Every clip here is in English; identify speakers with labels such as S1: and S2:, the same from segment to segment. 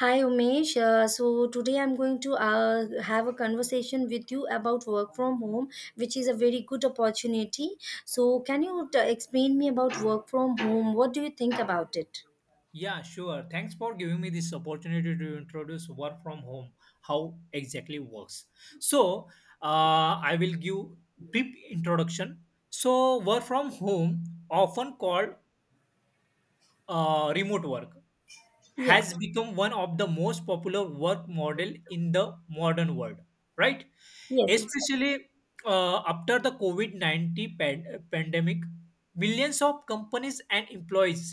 S1: Hi Umesh, so today I'm going to have a conversation with you about work from home, which is a very good opportunity. So, can you explain me about work from home? What do you think about it?
S2: Yeah, sure. Thanks for giving me this opportunity to introduce work from home, how exactly works. So, I will give brief introduction. So, work from home, often called remote work,
S1: Yeah,
S2: has become one of the most popular work model in the modern world, right?
S1: yes, exactly.
S2: Especially after the covid-19 pandemic, millions of companies and employees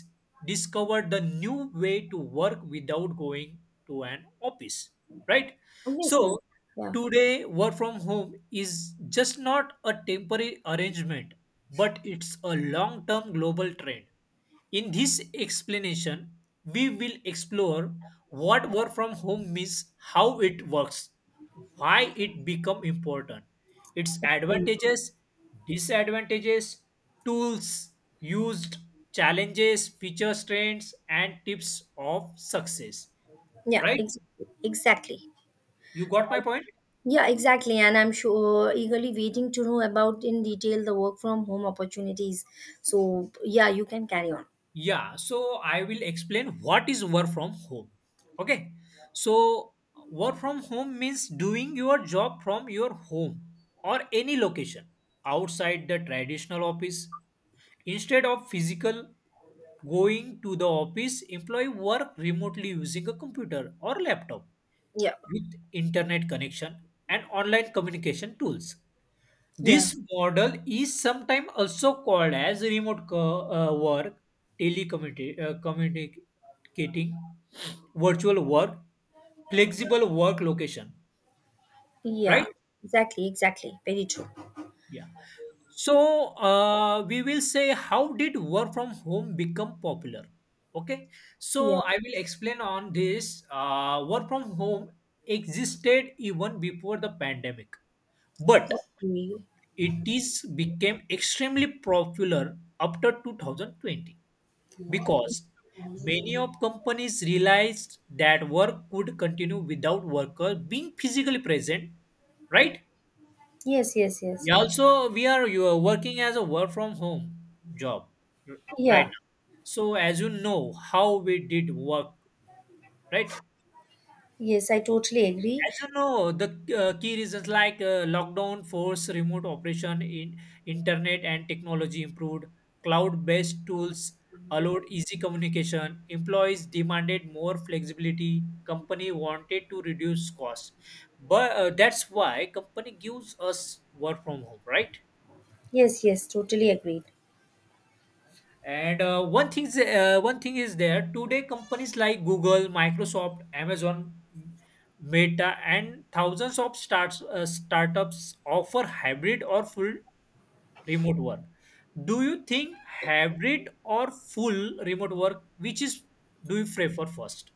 S2: discovered the new way to work without going to an office, right? So
S1: Obviously. Yeah.
S2: today work from home is just not a temporary arrangement, but it's a long term global trend. In this explanation, we will explore what work from home means, how it works, why it become important, its
S1: Absolutely.
S2: advantages, disadvantages, tools used, challenges, features, trends and tips of success.
S1: Yeah,
S2: Right?
S1: exactly, exactly.
S2: You got my point?
S1: Yeah, exactly. And I'm sure eagerly waiting to know about in detail the work from home opportunities. So, yeah, you can carry on.
S2: Yeah, so I will explain what is work from home. Okay, so work from home means doing your job from your home or any location outside the traditional office. Instead of physical going to the office, employee work remotely using a computer or laptop
S1: Yeah,
S2: with internet connection and online communication tools.
S1: yeah,
S2: This model is sometimes also called as work, communicating, virtual work, flexible work location,
S1: yeah,
S2: right?
S1: exactly, exactly. Very true.
S2: Yeah. So we will say how did work from home become popular? Okay. So
S1: Yeah.
S2: I will explain on this. Work from home existed even before the pandemic, but
S1: Okay.
S2: it is became extremely popular after 2020 because many of companies realized that work could continue without worker being physically present, right?
S1: Yes, yes, yes.
S2: Yeah, also we are you are working as a work from home job r- right
S1: Yeah.
S2: now. So as you know how we did work, right?
S1: Yes, I totally agree.
S2: As you know, the key reasons like lockdown forced remote operation in internet and technology improved, cloud-based tools allowed easy communication, employees demanded more flexibility, company wanted to reduce costs. But that's why company gives us work from home, right?
S1: Yes, yes, totally agreed.
S2: And one thing is there today. Companies like Google, Microsoft, Amazon, Meta, and thousands of starts startups offer hybrid or full remote work. Do you think hybrid or full remote work? Which is do you prefer first?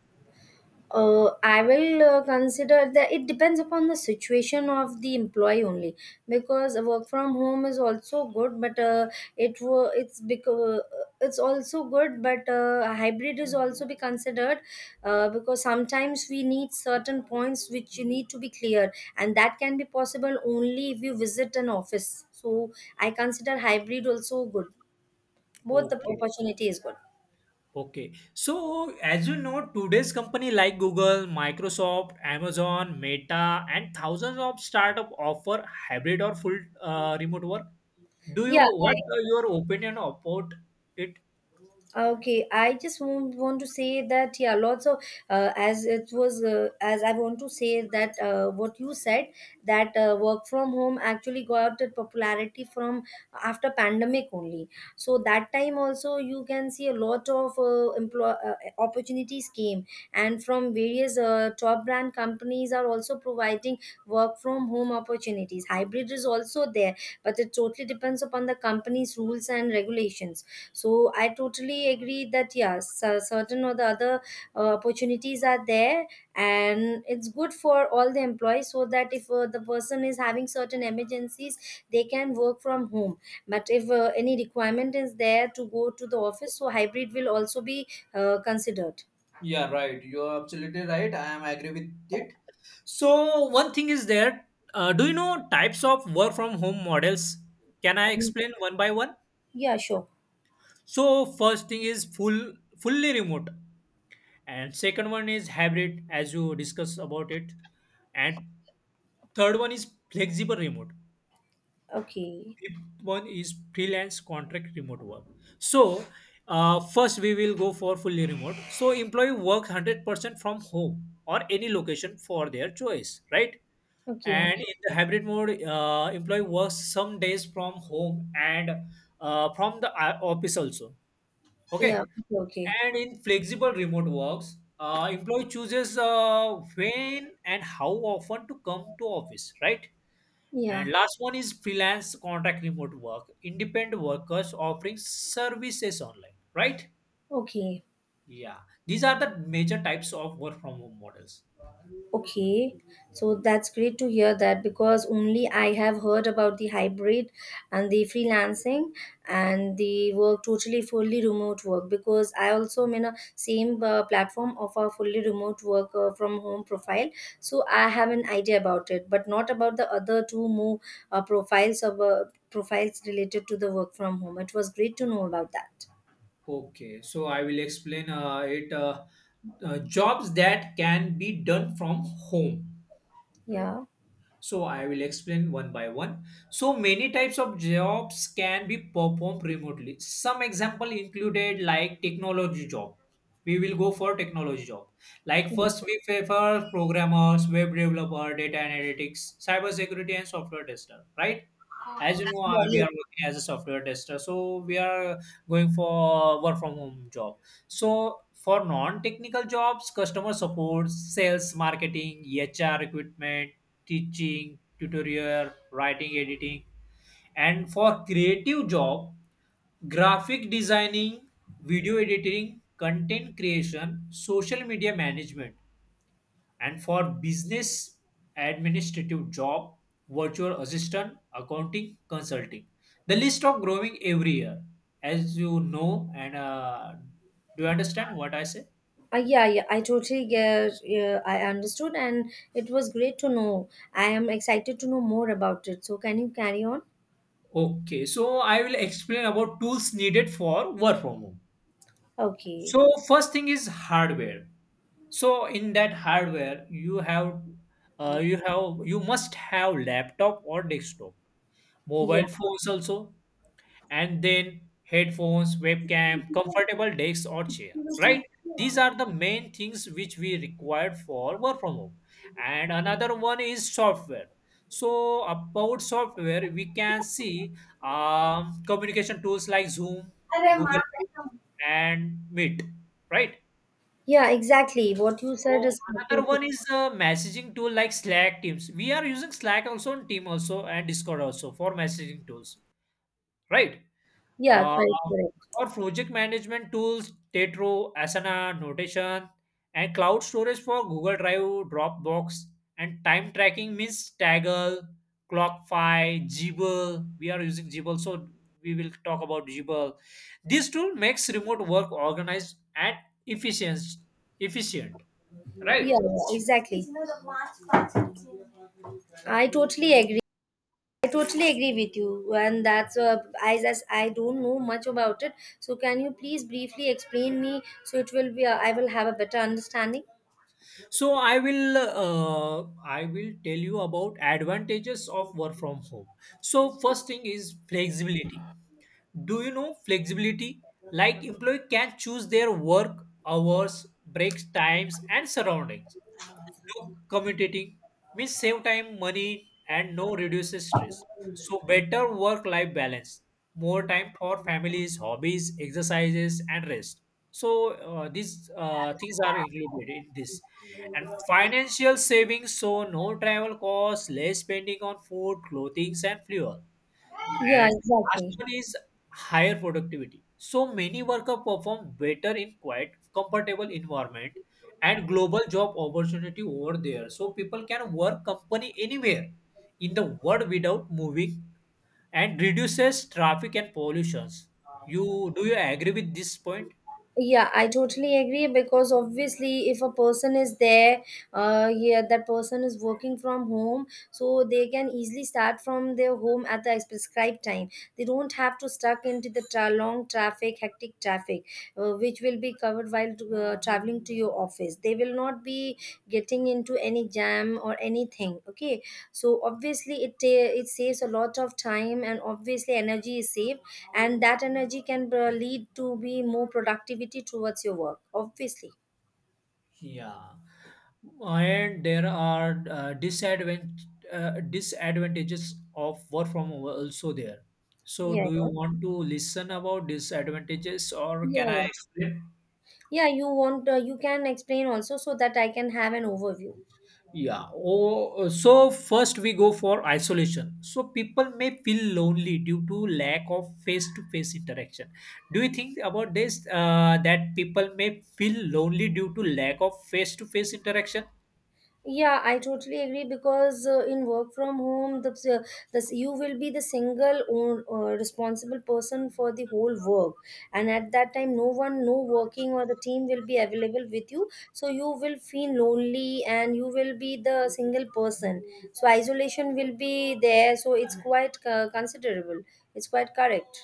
S1: I will consider that it depends upon the situation of the employee only, because a work from home is also good, but it's because it's also good, but hybrid is also be considered, because sometimes we need certain points which you need to be clear, and that can be possible only if you visit an office. So I consider hybrid also good. Both the
S2: Okay.
S1: opportunity is good.
S2: Okay. So, as you know, today's company like Google, Microsoft, Amazon, Meta, and thousands of startup offer hybrid or full remote work. Do you
S1: Yeah.
S2: what are your opinion about it?
S1: Okay, I just want to say that, yeah, lots of, as it was as I want to say that, what you said, that work from home actually got the popularity from after pandemic only. So that time also you can see a lot of, employ opportunities came, and from various, top brand companies are also providing work from home opportunities. Hybrid is also there, but it totally depends upon the company's rules and regulations, so I totally agree that yes, certain or the other opportunities are there, and it's good for all the employees so that if the person is having certain emergencies, they can work from home. But if any requirement is there to go to the office, so hybrid will also be considered.
S2: Yeah. So, one thing is there. Do you know types of work from home models? Can I
S1: Um,
S2: explain one by one?
S1: yeah, sure.
S2: So, first thing is fully remote, and second one is hybrid, as you discuss about it, and third one is flexible remote,
S1: Okay.
S2: fifth one is freelance contract remote work. So, first we will go for fully remote. So, employee work 100% from home or any location for their choice, right? And
S1: Okay.
S2: in the hybrid mode, employee works some days from home and from the office also.
S1: Yeah.
S2: Okay.
S1: Okay. Okay.
S2: And in flexible remote works, employee chooses when and how often to come to office, right?
S1: Yeah.
S2: And last one is freelance contract remote work, independent workers offering services online, right?
S1: Okay.
S2: Yeah, these are the major types of work from home models.
S1: Okay, so that's great to hear that, because only I have heard about the hybrid and the freelancing and the work totally fully remote work, because I also am in a same platform of a fully remote work from home profile. So I have an idea about it, but not about the other two more profiles related to the work from home. It was great to know about that.
S2: Okay, so I will explain it jobs that can be done from home.
S1: Yeah.
S2: So I will explain one by one. So many types of jobs can be performed remotely. Some example included like technology job. We will go for technology job. Like first we prefer programmers, web developer, data analytics, cybersecurity, and software tester. Right? As you know, we
S1: Yeah.
S2: are working as a software tester, so we are going for work from home job. So for non-technical jobs, customer support, sales, marketing, HR recruitment, teaching, tutorial, writing, editing. And for creative job, graphic designing, video editing, content creation, social media management. And for business administrative job, virtual assistant, accounting, consulting. The list of growing every year, as you know, and do you understand what I say?
S1: Yeah, yeah, I totally get. Yeah, I understood, and it was great to know. I am excited to know more about it. So, can you carry on?
S2: Okay, so I will explain about tools needed for work from home.
S1: Okay.
S2: So first thing is hardware. So in that hardware, you have, you must have laptop or desktop,
S1: Yeah.
S2: mobile phones also, and then headphones, webcam, comfortable desk or chair, right? These are the main things which we required for work from home. And another one is software. So about software, we can see communication tools like Zoom, Google Meet, and Meet, right?
S1: Yeah. Exactly. What you said
S2: So
S1: is,
S2: another
S1: totally.
S2: one is a messaging tool like Slack, Teams. We are using Slack also and Team also and Discord also for messaging tools, right?
S1: Yeah.
S2: Uh,
S1: Correct. Correct.
S2: for project management tools, Tetro, Asana, Notation, and cloud storage for Google Drive, Dropbox, and time tracking means Kaggle, Clockify, Jibble. We are using Jibble, so we will talk about Jibble. This tool makes remote work organized and efficient. Efficient,
S1: Yeah,
S2: right?
S1: yeah, exactly. I totally agree. I totally agree with you, and that's, I just, I don't know much about it. So, can you please briefly explain me, so it will be I will have a better understanding?
S2: So I will tell you about advantages of work from home. So first thing is flexibility. Do you know flexibility? Like employee can choose their work hours, breaks times and surroundings. No commutating means save time, money, and no reduces stress. So better work-life balance, more time for families, hobbies, exercises, and rest. So these things are included in this. And financial savings, so no travel costs, less spending on food, clothing, and fuel.
S1: Yeah.
S2: And last
S1: Exactly.
S2: one is higher productivity. So many workers perform better in quiet, comfortable environment and global job opportunity over there. So people can work company anywhere in the world without moving and reduces traffic and pollutions. You do you agree with this point?
S1: Yeah, I totally agree, because obviously if a person is there, yeah, that person is working from home, so they can easily start from their home at the prescribed time. They don't have to stuck into the long traffic, hectic traffic, which will be covered while traveling to your office. They will not be getting into any jam or anything, okay. So obviously it saves a lot of time, and obviously energy is saved, and that energy can lead to be more productivity towards your work, obviously.
S2: Yeah. And there are disadvantages of work from home also there. So,
S1: Yeah,
S2: do you
S1: yeah,
S2: want to listen about disadvantages or
S1: yeah,
S2: can I
S1: yeah,
S2: explain?
S1: yeah, you can explain also, so that I can have an overview.
S2: Yeah. Oh, so first we go for isolation. So people may feel lonely due to lack of face-to-face interaction. Do you think about this that people may feel lonely due to lack of face-to-face interaction?
S1: Yeah, I totally agree, because in work from home, the you will be the single own, responsible person for the whole work, and at that time, no one, no working or the team will be available with you. So you will feel lonely, and you will be the single person. So isolation will be there. So it's quite considerable. It's quite correct.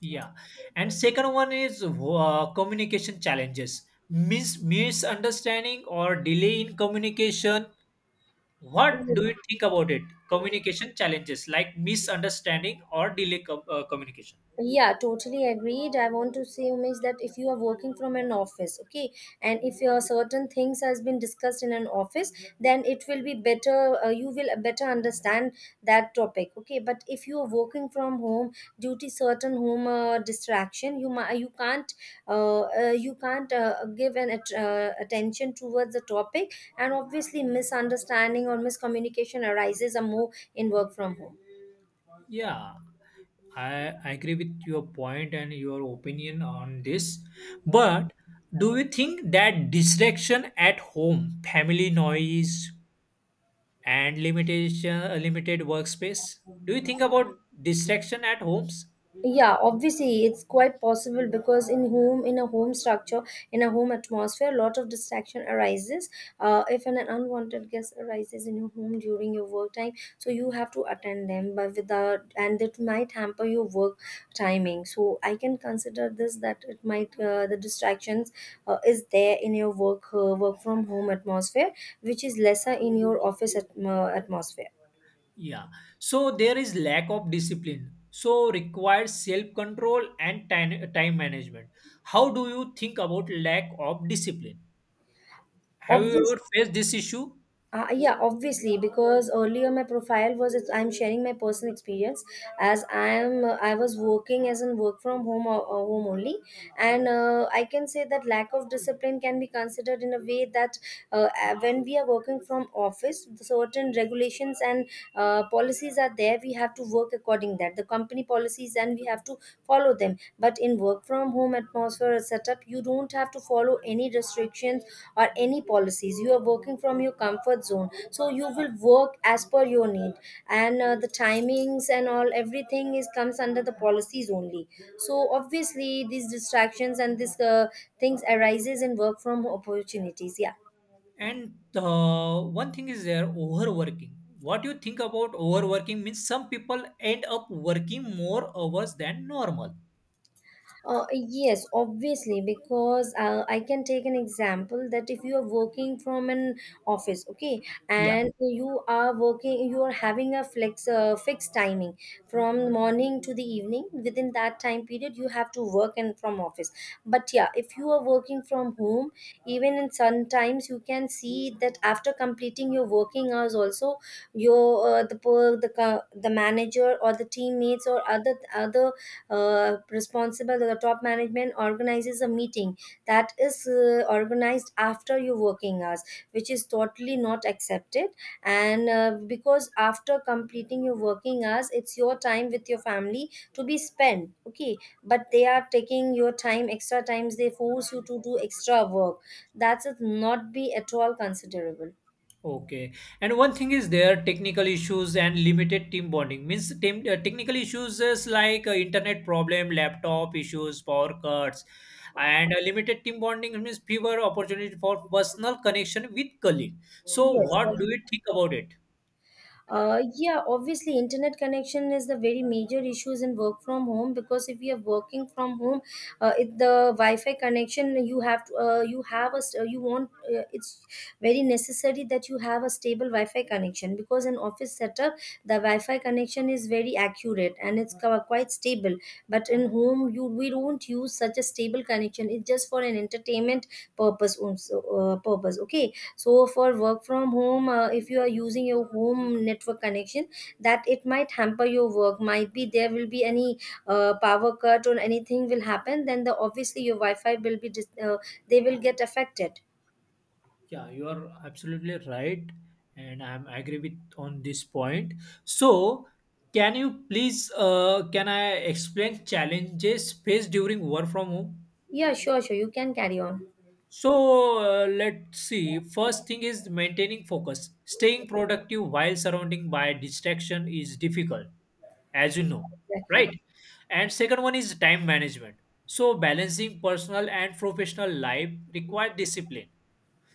S2: Yeah. And second one is communication challenges. Misunderstanding or delay in communication. What do you think about it? Communication challenges like misunderstanding or delay communication.
S1: Yeah, totally agreed. I want to say, Umesh, that if you are working from an office, okay, and if your certain things has been discussed in an office, then it will be better. You will better understand that topic, okay. But if you are working from home due to certain home, distraction, you can't, give an attention towards the topic, and obviously misunderstanding or miscommunication arises a more in work from home.
S2: Yeah, I agree with your point and your opinion on this. But do you think that distraction at home, family noise, and limitation, limited workspace? Do you think about distraction at homes?
S1: Yeah, obviously it's quite possible, because in a home atmosphere a lot of distraction arises. If an unwanted guest arises in your home during your work time, so you have to attend them, but without and it might hamper your work timing. So I can consider this, that it might the distractions is there in your work from home atmosphere, which is lesser in your office atmosphere.
S2: Yeah. So there is lack of discipline. So requires self-control and time management. How do you think about lack of discipline? Have you
S1: Obviously.
S2: ever faced this issue?
S1: Yeah, obviously, because earlier my profile was, it's, I'm sharing my personal experience. As I was working as in work from home, or home only, and I can say that lack of discipline can be considered in a way that, when we are working from office, certain regulations and policies are there. We have to work according that the company policies, and we have to follow them. But in work from home atmosphere or setup, you don't have to follow any restrictions or any policies. You are working from your comfort zone, so you will work as per your need, and the timings and all, everything is comes under the policies only. So obviously these distractions and these things arises in work from opportunities, yeah.
S2: And one thing is there overworking. What you think about overworking means some people end up working more hours than normal.
S1: Yes, obviously, because I can take an example that if you are working from an office, okay,
S2: Yeah.
S1: and you are working, you are having a flex fixed timing from morning to the evening. Within that time period, you have to work, and from office. But yeah, if you are working from home, even in sometimes you can see that after completing your working hours, also your, the manager or the teammates or other responsible the top management organizes a meeting, that is organized after your working hours, which is totally not accepted. And because after completing your working hours, it's your time with your family to be spent, okay. But they are taking your time, extra times they force you to do extra work. That's not be at all considerable.
S2: Okay. And one thing is there technical issues and limited team bonding means technical issues is like internet problem, laptop issues, power cuts, and limited team bonding means fewer opportunity for personal connection with colleague. So uh,
S1: Yes.
S2: what do you think about it?
S1: Yeah, obviously, internet connection is the very major issues in work from home, because if you are working from home, the wi-fi connection, you have a st- you want it's very necessary that you have a stable wi-fi connection, because in office setup the wi-fi connection is very accurate, and it's quite stable. But in home, you we don't use such a stable connection, it's just for an entertainment purpose, okay. So for work from home, if you are using your home network connection, that it might hamper your work. Might be there will be any power cut or anything will happen, then the obviously your wi-fi will be they will get affected.
S2: Yeah, you are absolutely right, and I'm agree with on this point. So can you please can I explain challenges faced during work from home?
S1: Yeah, sure, sure, you can carry on.
S2: So let's see. First thing is maintaining focus. Staying productive while surrounding by distraction is difficult, as you know,
S1: Exactly.
S2: right? And second one is time management. So balancing personal and professional life require discipline.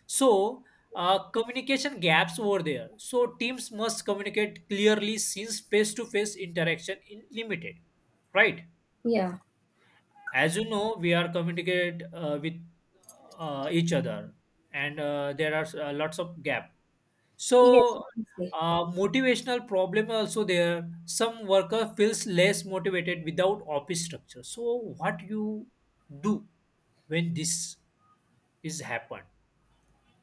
S2: So communication gaps over there. So teams must communicate clearly since face-to-face interaction is limited, right?
S1: Yeah.
S2: As you know, we are communicate with each other, and there are lots of gap.
S1: Yes,
S2: So
S1: obviously.
S2: motivational problem also there, some worker feels less motivated without office structure. So what you do when this is happened?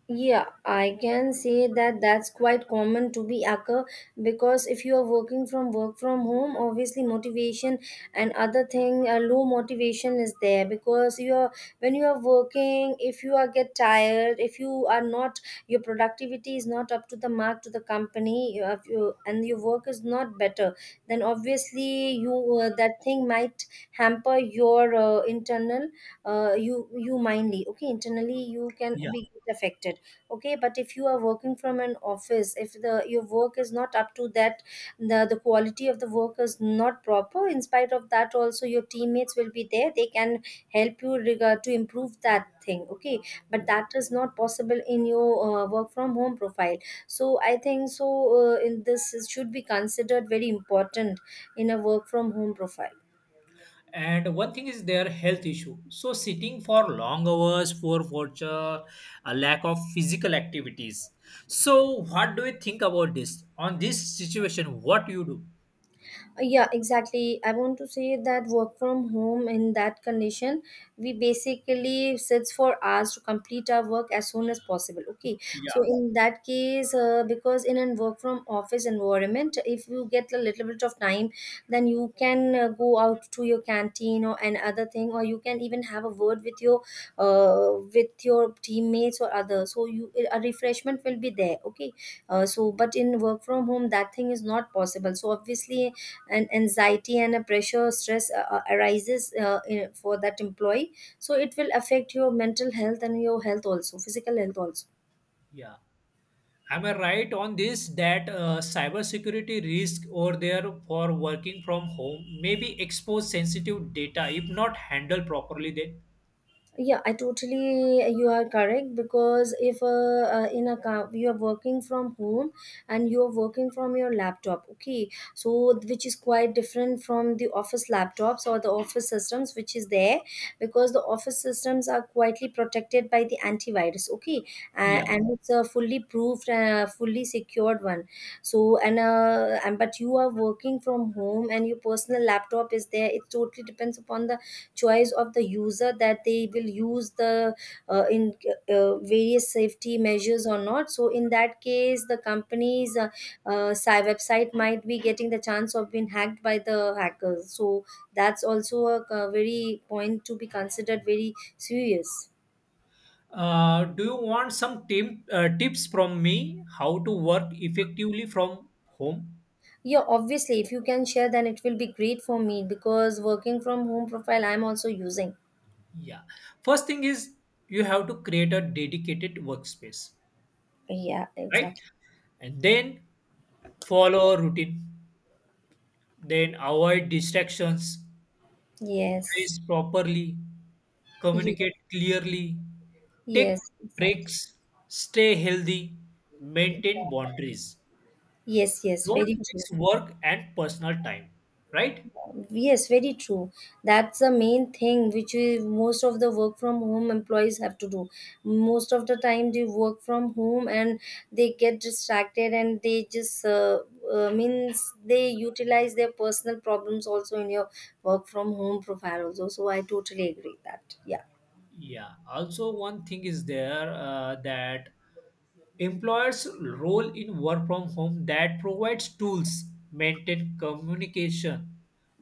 S1: Yeah, I can say that that's quite common to be occur, because if you are working from work from home, obviously motivation and other thing, low motivation is there, because you are when you are working, if you are get tired, if you are not, your productivity is not up to the mark to the company, you and your work is not better, then obviously you that thing might hamper your internal, uh, you mindly, okay, internally you can be affected, okay. But if you are working from an office, if the your work is not up to that, the quality of the work is not proper, in spite of that also your teammates will be there, they can help you regard to improve that thing, okay. But that is not possible in your work from home profile. So I think so, should be considered very important in a work from home profile.
S2: And one thing is their health issue, so sitting for long hours, poor posture, a lack of physical activities. So what do you think about this on this situation? What you do?
S1: Yeah, exactly, I want to say that work from home, in that condition we basically sits for hours to complete our work as soon as possible, okay. So
S2: Yeah,
S1: in that case, because in a work from office environment, if you get a little bit of time, then you can go out to your canteen or an other thing, or you can even have a word with your, with your teammates or others, so you a refreshment will be there, okay. So, but in work from home that thing is not possible, so Obviously an anxiety and a pressure or stress arises, for that employee. So it will affect your mental health and your health also, physical health also.
S2: yeah, am I right on this that cybersecurity risk or there for working from home may be expose sensitive data if not handled properly then?
S1: Yeah, I totally, you are correct. Because if in a car you are working from home and you are working from your laptop, okay. So which is quite different from the office laptops or the office systems which is there, because the office systems are quietly protected by the antivirus, okay. uh,
S2: Yeah,
S1: and it's a fully proofed, fully secured one. So and but you are working from home and your personal laptop is there. It totally depends upon the choice of the user that they will use the in various safety measures or not. So in that case the company's website might be getting the chance of being hacked by the hackers. So that's also a, uh, very point to be considered, very serious.
S2: do you want some tips from me how to work effectively from home?
S1: Yeah, obviously, if you can share, then it will be great for me, because working from home profile I'm also using.
S2: Yeah. First thing is you have to create a dedicated workspace,
S1: Yeah,
S2: right?
S1: exactly.
S2: And then follow a routine. Then avoid distractions,
S1: Yes.
S2: dress properly,
S1: Yes,
S2: communicate clearly, take
S1: yes, exactly.
S2: breaks, stay healthy, maintain boundaries.
S1: Yes. Yes, very
S2: Don't
S1: true.
S2: mix work and personal time, right?
S1: Yes, very true. That's the main thing which we, most of the work from home employees have to do. Most of the time they work from home and they get distracted, and they just means they utilize their personal problems also in your work from home profile also. So I totally agree that. Yeah.
S2: Yeah. Also, one thing is there that employers role in work from home, that provides tools, maintain communication,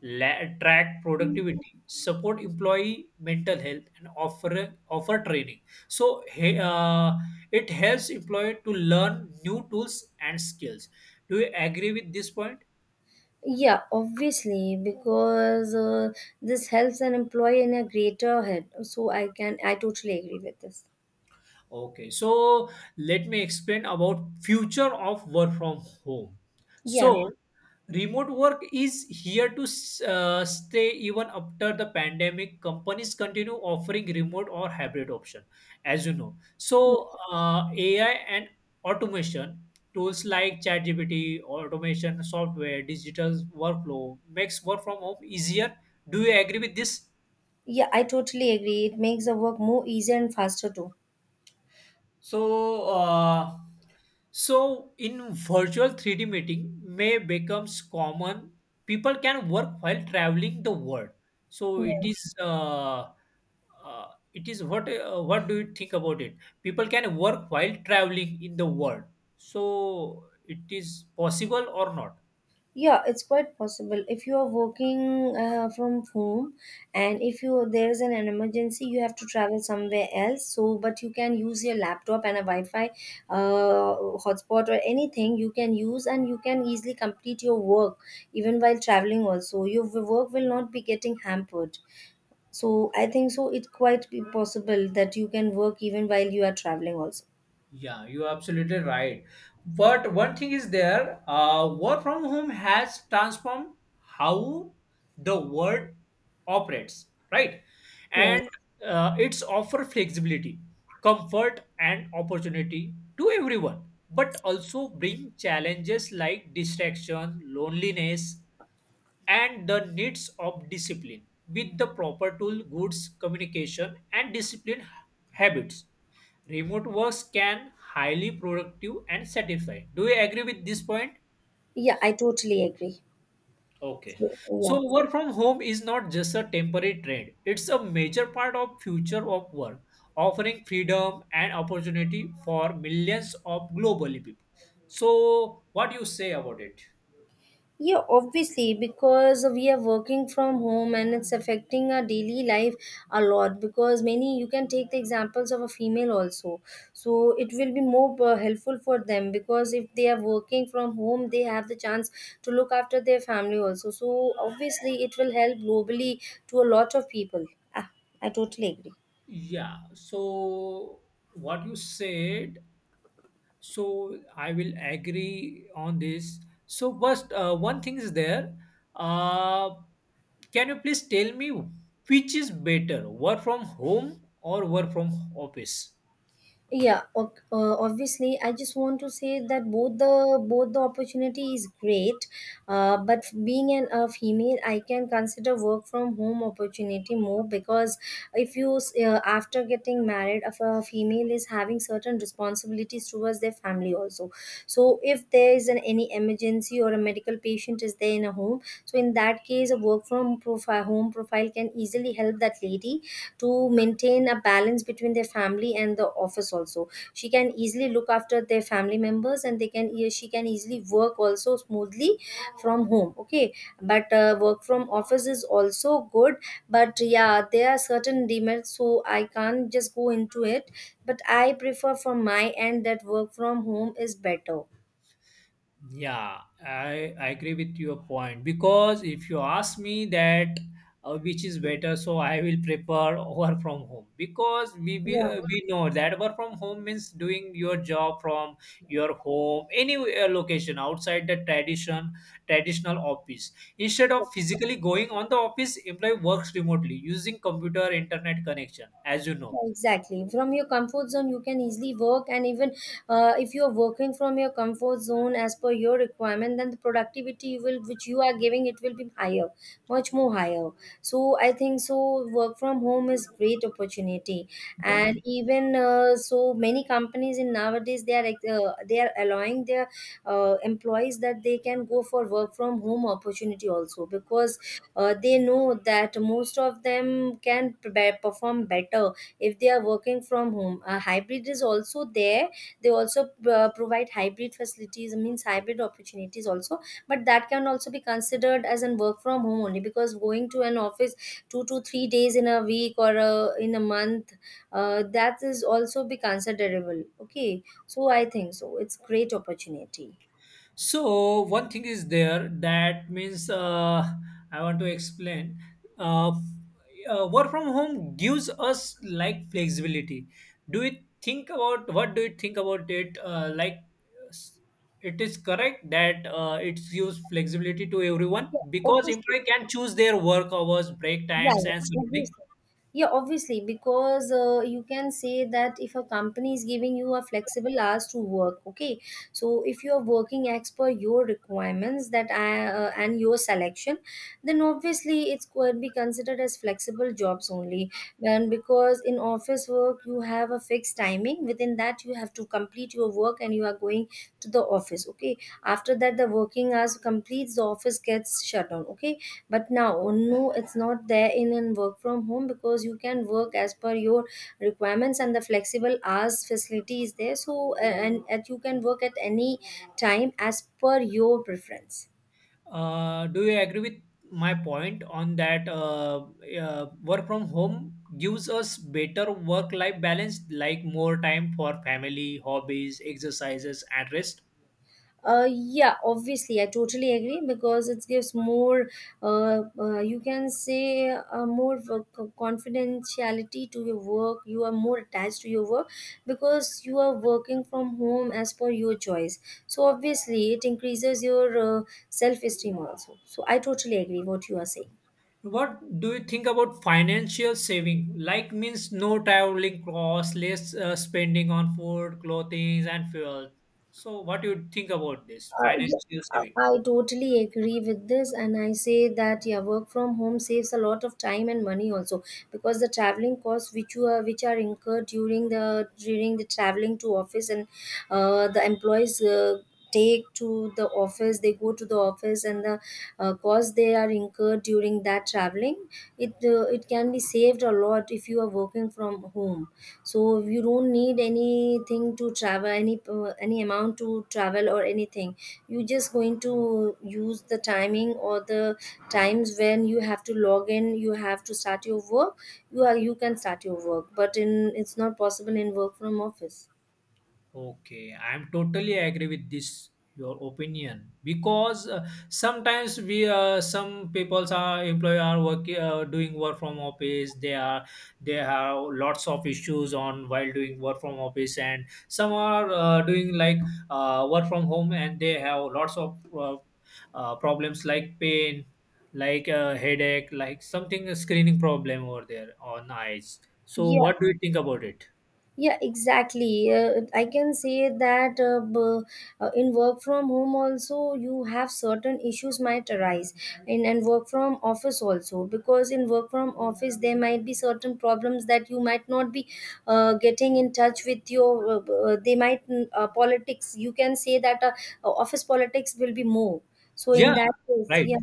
S2: track productivity, support employee mental health, and offer training, so it helps employee to learn new tools and skills. Do you agree with this point?
S1: Yeah, obviously, because this helps an employee in a greater head. So I totally agree with this.
S2: Okay, so let me explain about future of work from home.
S1: Yeah.
S2: So Remote work is here to stay even after the pandemic. Companies continue offering remote or hybrid option, as you know. So AI and automation tools like ChatGPT, automation software, digital workflow makes work from home easier. Do you agree with this?
S1: Yeah, I totally agree. It makes the work more easier and faster too.
S2: So, in virtual 3D meeting may becomes common. People can work while traveling the world. So
S1: Yeah.
S2: uh, it is what do you think about it? People can work while traveling in the world. So it is possible or not?
S1: Yeah, it's quite possible. If you are working from home, and if you there's an emergency, you have to travel somewhere else. So, but you can use your laptop and a Wi-Fi uh, hotspot, or anything you can use, and you can easily complete your work even while traveling. Also, your work will not be getting hampered. So, I think so. It quite be possible that you can work even while you are traveling also.
S2: Yeah, you're absolutely right. But one thing is there, work from home has transformed how the world operates, right? And
S1: Yes.
S2: it's offer flexibility, comfort, and opportunity to everyone, but also bring challenges like distraction, loneliness, and the needs of discipline with the proper tool, goods, communication, and discipline habits. Remote works can highly productive and satisfying. Do you agree with this point?
S1: Yeah, I totally agree.
S2: Okay.
S1: So,
S2: So
S1: yeah.
S2: work from home is not just a temporary trend. It's a major part of future of work, offering freedom and opportunity for millions of globally people. So what do you say about it?
S1: Yeah, obviously, because we are working from home and it's affecting our daily life a lot. Because many, you can take the examples of a female also. So it will be more helpful for them, because if they are working from home, they have the chance to look after their family also. So obviously, it will help globally to a lot of people. Ah, I totally agree.
S2: Yeah. So what you said, so I will agree on this. So first, one thing is there. Uh, can you please tell me which is better, work from home or work from office?
S1: Obviously, I just want to say that both the opportunity is great. But being an a female, I can consider work from home opportunity more, because if you s- after getting married, if a female is having certain responsibilities towards their family also. So if there is an any emergency or a medical patient is there in a home, so in that case, a work from pro p- home profile can easily help that lady to maintain a balance between their family and the office also. She can easily look after their family members, and they can she can easily work also smoothly from home, okay. But work from office is also good, but yeah, there are certain demerits, so I can't just go into it. But I prefer from my end that work from home is better.
S2: Yeah, I agree with your point because if you ask me that which is better, so I will prefer work from home because
S1: Yeah.
S2: we know that work from home means doing your job from your home, any location outside the traditional office. Instead of physically going on the office, employee works remotely using computer internet connection, as you know.
S1: Exactly. From your comfort zone, you can easily work, and even if you are working from your comfort zone as per your requirement, then the productivity you will, which you are giving, it will be higher, much more higher. So I think so. Work from home is great opportunity, and even so many companies in nowadays they are like, they are allowing their employees that they can go for work from home opportunity also, because they know that most of them can perform better if they are working from home. Hybrid is also there, they also provide hybrid facilities, means hybrid opportunities also. But that can also be considered as an work from home only, because going to an office 2 to 3 days in a week, or in a month, that is also be considerable, okay. So I think so, it's great opportunity.
S2: So one thing is there that means I want to explain. Uh, work from home gives us like flexibility. Do you think about what do you think about it? Like s- it is correct that it gives flexibility to everyone
S1: Yeah,
S2: because
S1: obviously.
S2: employee can choose their work hours, break
S1: Yeah,
S2: times, and
S1: yeah,
S2: surrounding.
S1: obviously. Yeah, obviously, because you can say that if a company is giving you a flexible hours to work, okay. So if you are working as per your requirements, that and your selection, then obviously it's could be considered as flexible jobs only. And because in office work you have a fixed timing, within that you have to complete your work and you are going to the office, okay. After that, the working hours completes, the office gets shut down, okay. But now no, it's not there in work from home, because you can work as per your requirements, and the flexible hours facility is there. So and you can work at any time as per your preference.
S2: Do you agree with my point on that work from home gives us better work life balance, like more time for family, hobbies, exercises, and rest?
S1: Yeah, obviously, I totally agree, because it gives more, you can say, confidentiality to your work. You are more attached to your work because you are working from home as per your choice. So, obviously, it increases your self esteem also. So, I totally agree what you are saying.
S2: What do you think about financial saving? Like means no traveling costs, less spending on food, clothing, and fuel. So, what do you think about this
S1: Yeah,
S2: financial saving?
S1: I totally agree with this, and I say that yeah, work from home saves a lot of time and money also, because the traveling costs which you are, which are incurred during the traveling to office, and the employees take to the office, they go to the office, and the cost they are incurred during that traveling, it can be saved a lot if you are working from home. So you don't need anything to travel, any amount to travel or anything. You just going to use the timing or the times when you have to log in, you have to start your work. You can start your work, but in, it's not possible in work from office.
S2: Okay, I'm totally agree with this your opinion because sometimes we some people's are employee are working doing work from office, they are they have lots of issues on while doing work from office, and some are doing like work from home and they have lots of problems like pain, like headache, like something a screening problem over there on eyes. So what do you think about it?
S1: Yeah, exactly. I can say that in work from home also, you have certain issues might arise in, and work from office also. Because in work from office, there might be certain problems that you might not be getting in touch with your politics, you can say that office politics will be more. So in
S2: Yeah,
S1: that case,
S2: right.
S1: yeah.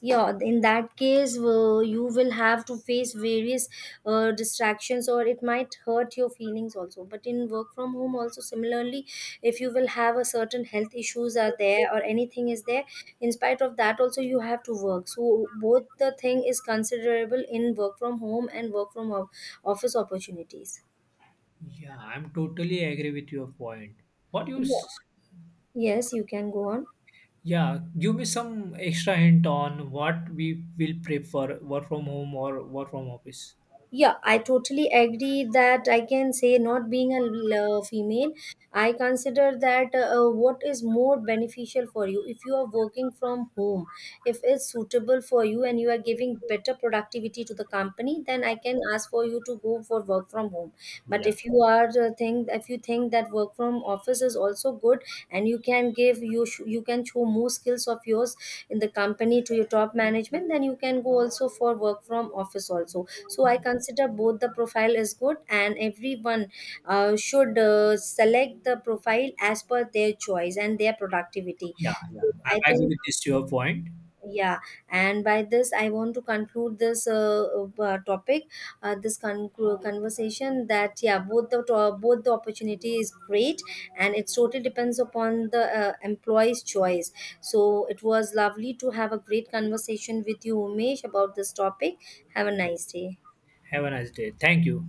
S1: Yeah, in that case, you will have to face various distractions, or it might hurt your feelings also. But in work from home also similarly, if you will have a certain health issues are there or anything is there, in spite of that also you have to work. So both the thing is considerable in work from home and office opportunities.
S2: Yeah, I'm totally agree with your point. What you,
S1: Yeah.
S2: s-
S1: Yes, you can go on.
S2: yeah, give me some extra hint on what we will prefer, work from home or work from office.
S1: Yeah, I totally agree that I can say, not being female, I consider that what is more beneficial for you. If you are working from home, if it's suitable for you and you are giving better productivity to the company, then I
S2: Yeah,
S1: can ask for you to go for work from home. But
S2: yeah,
S1: if you are think if you think that work from office is also good, and you can give you can show more skills of yours in the company to your top management, then you can go also for work from office also. So I consider both the profile is good, and everyone should select the profile as per their choice and their productivity.
S2: yeah, yeah.
S1: So I
S2: I agree
S1: think,
S2: with this your point.
S1: yeah. And by this, I want to conclude this topic, uh, this con- conversation. That yeah, both the opportunity is great, and it totally depends upon the employee's choice. So it was lovely to have a great conversation with you, Umesh, about this topic. Have a nice day.
S2: Have a nice day. Thank you.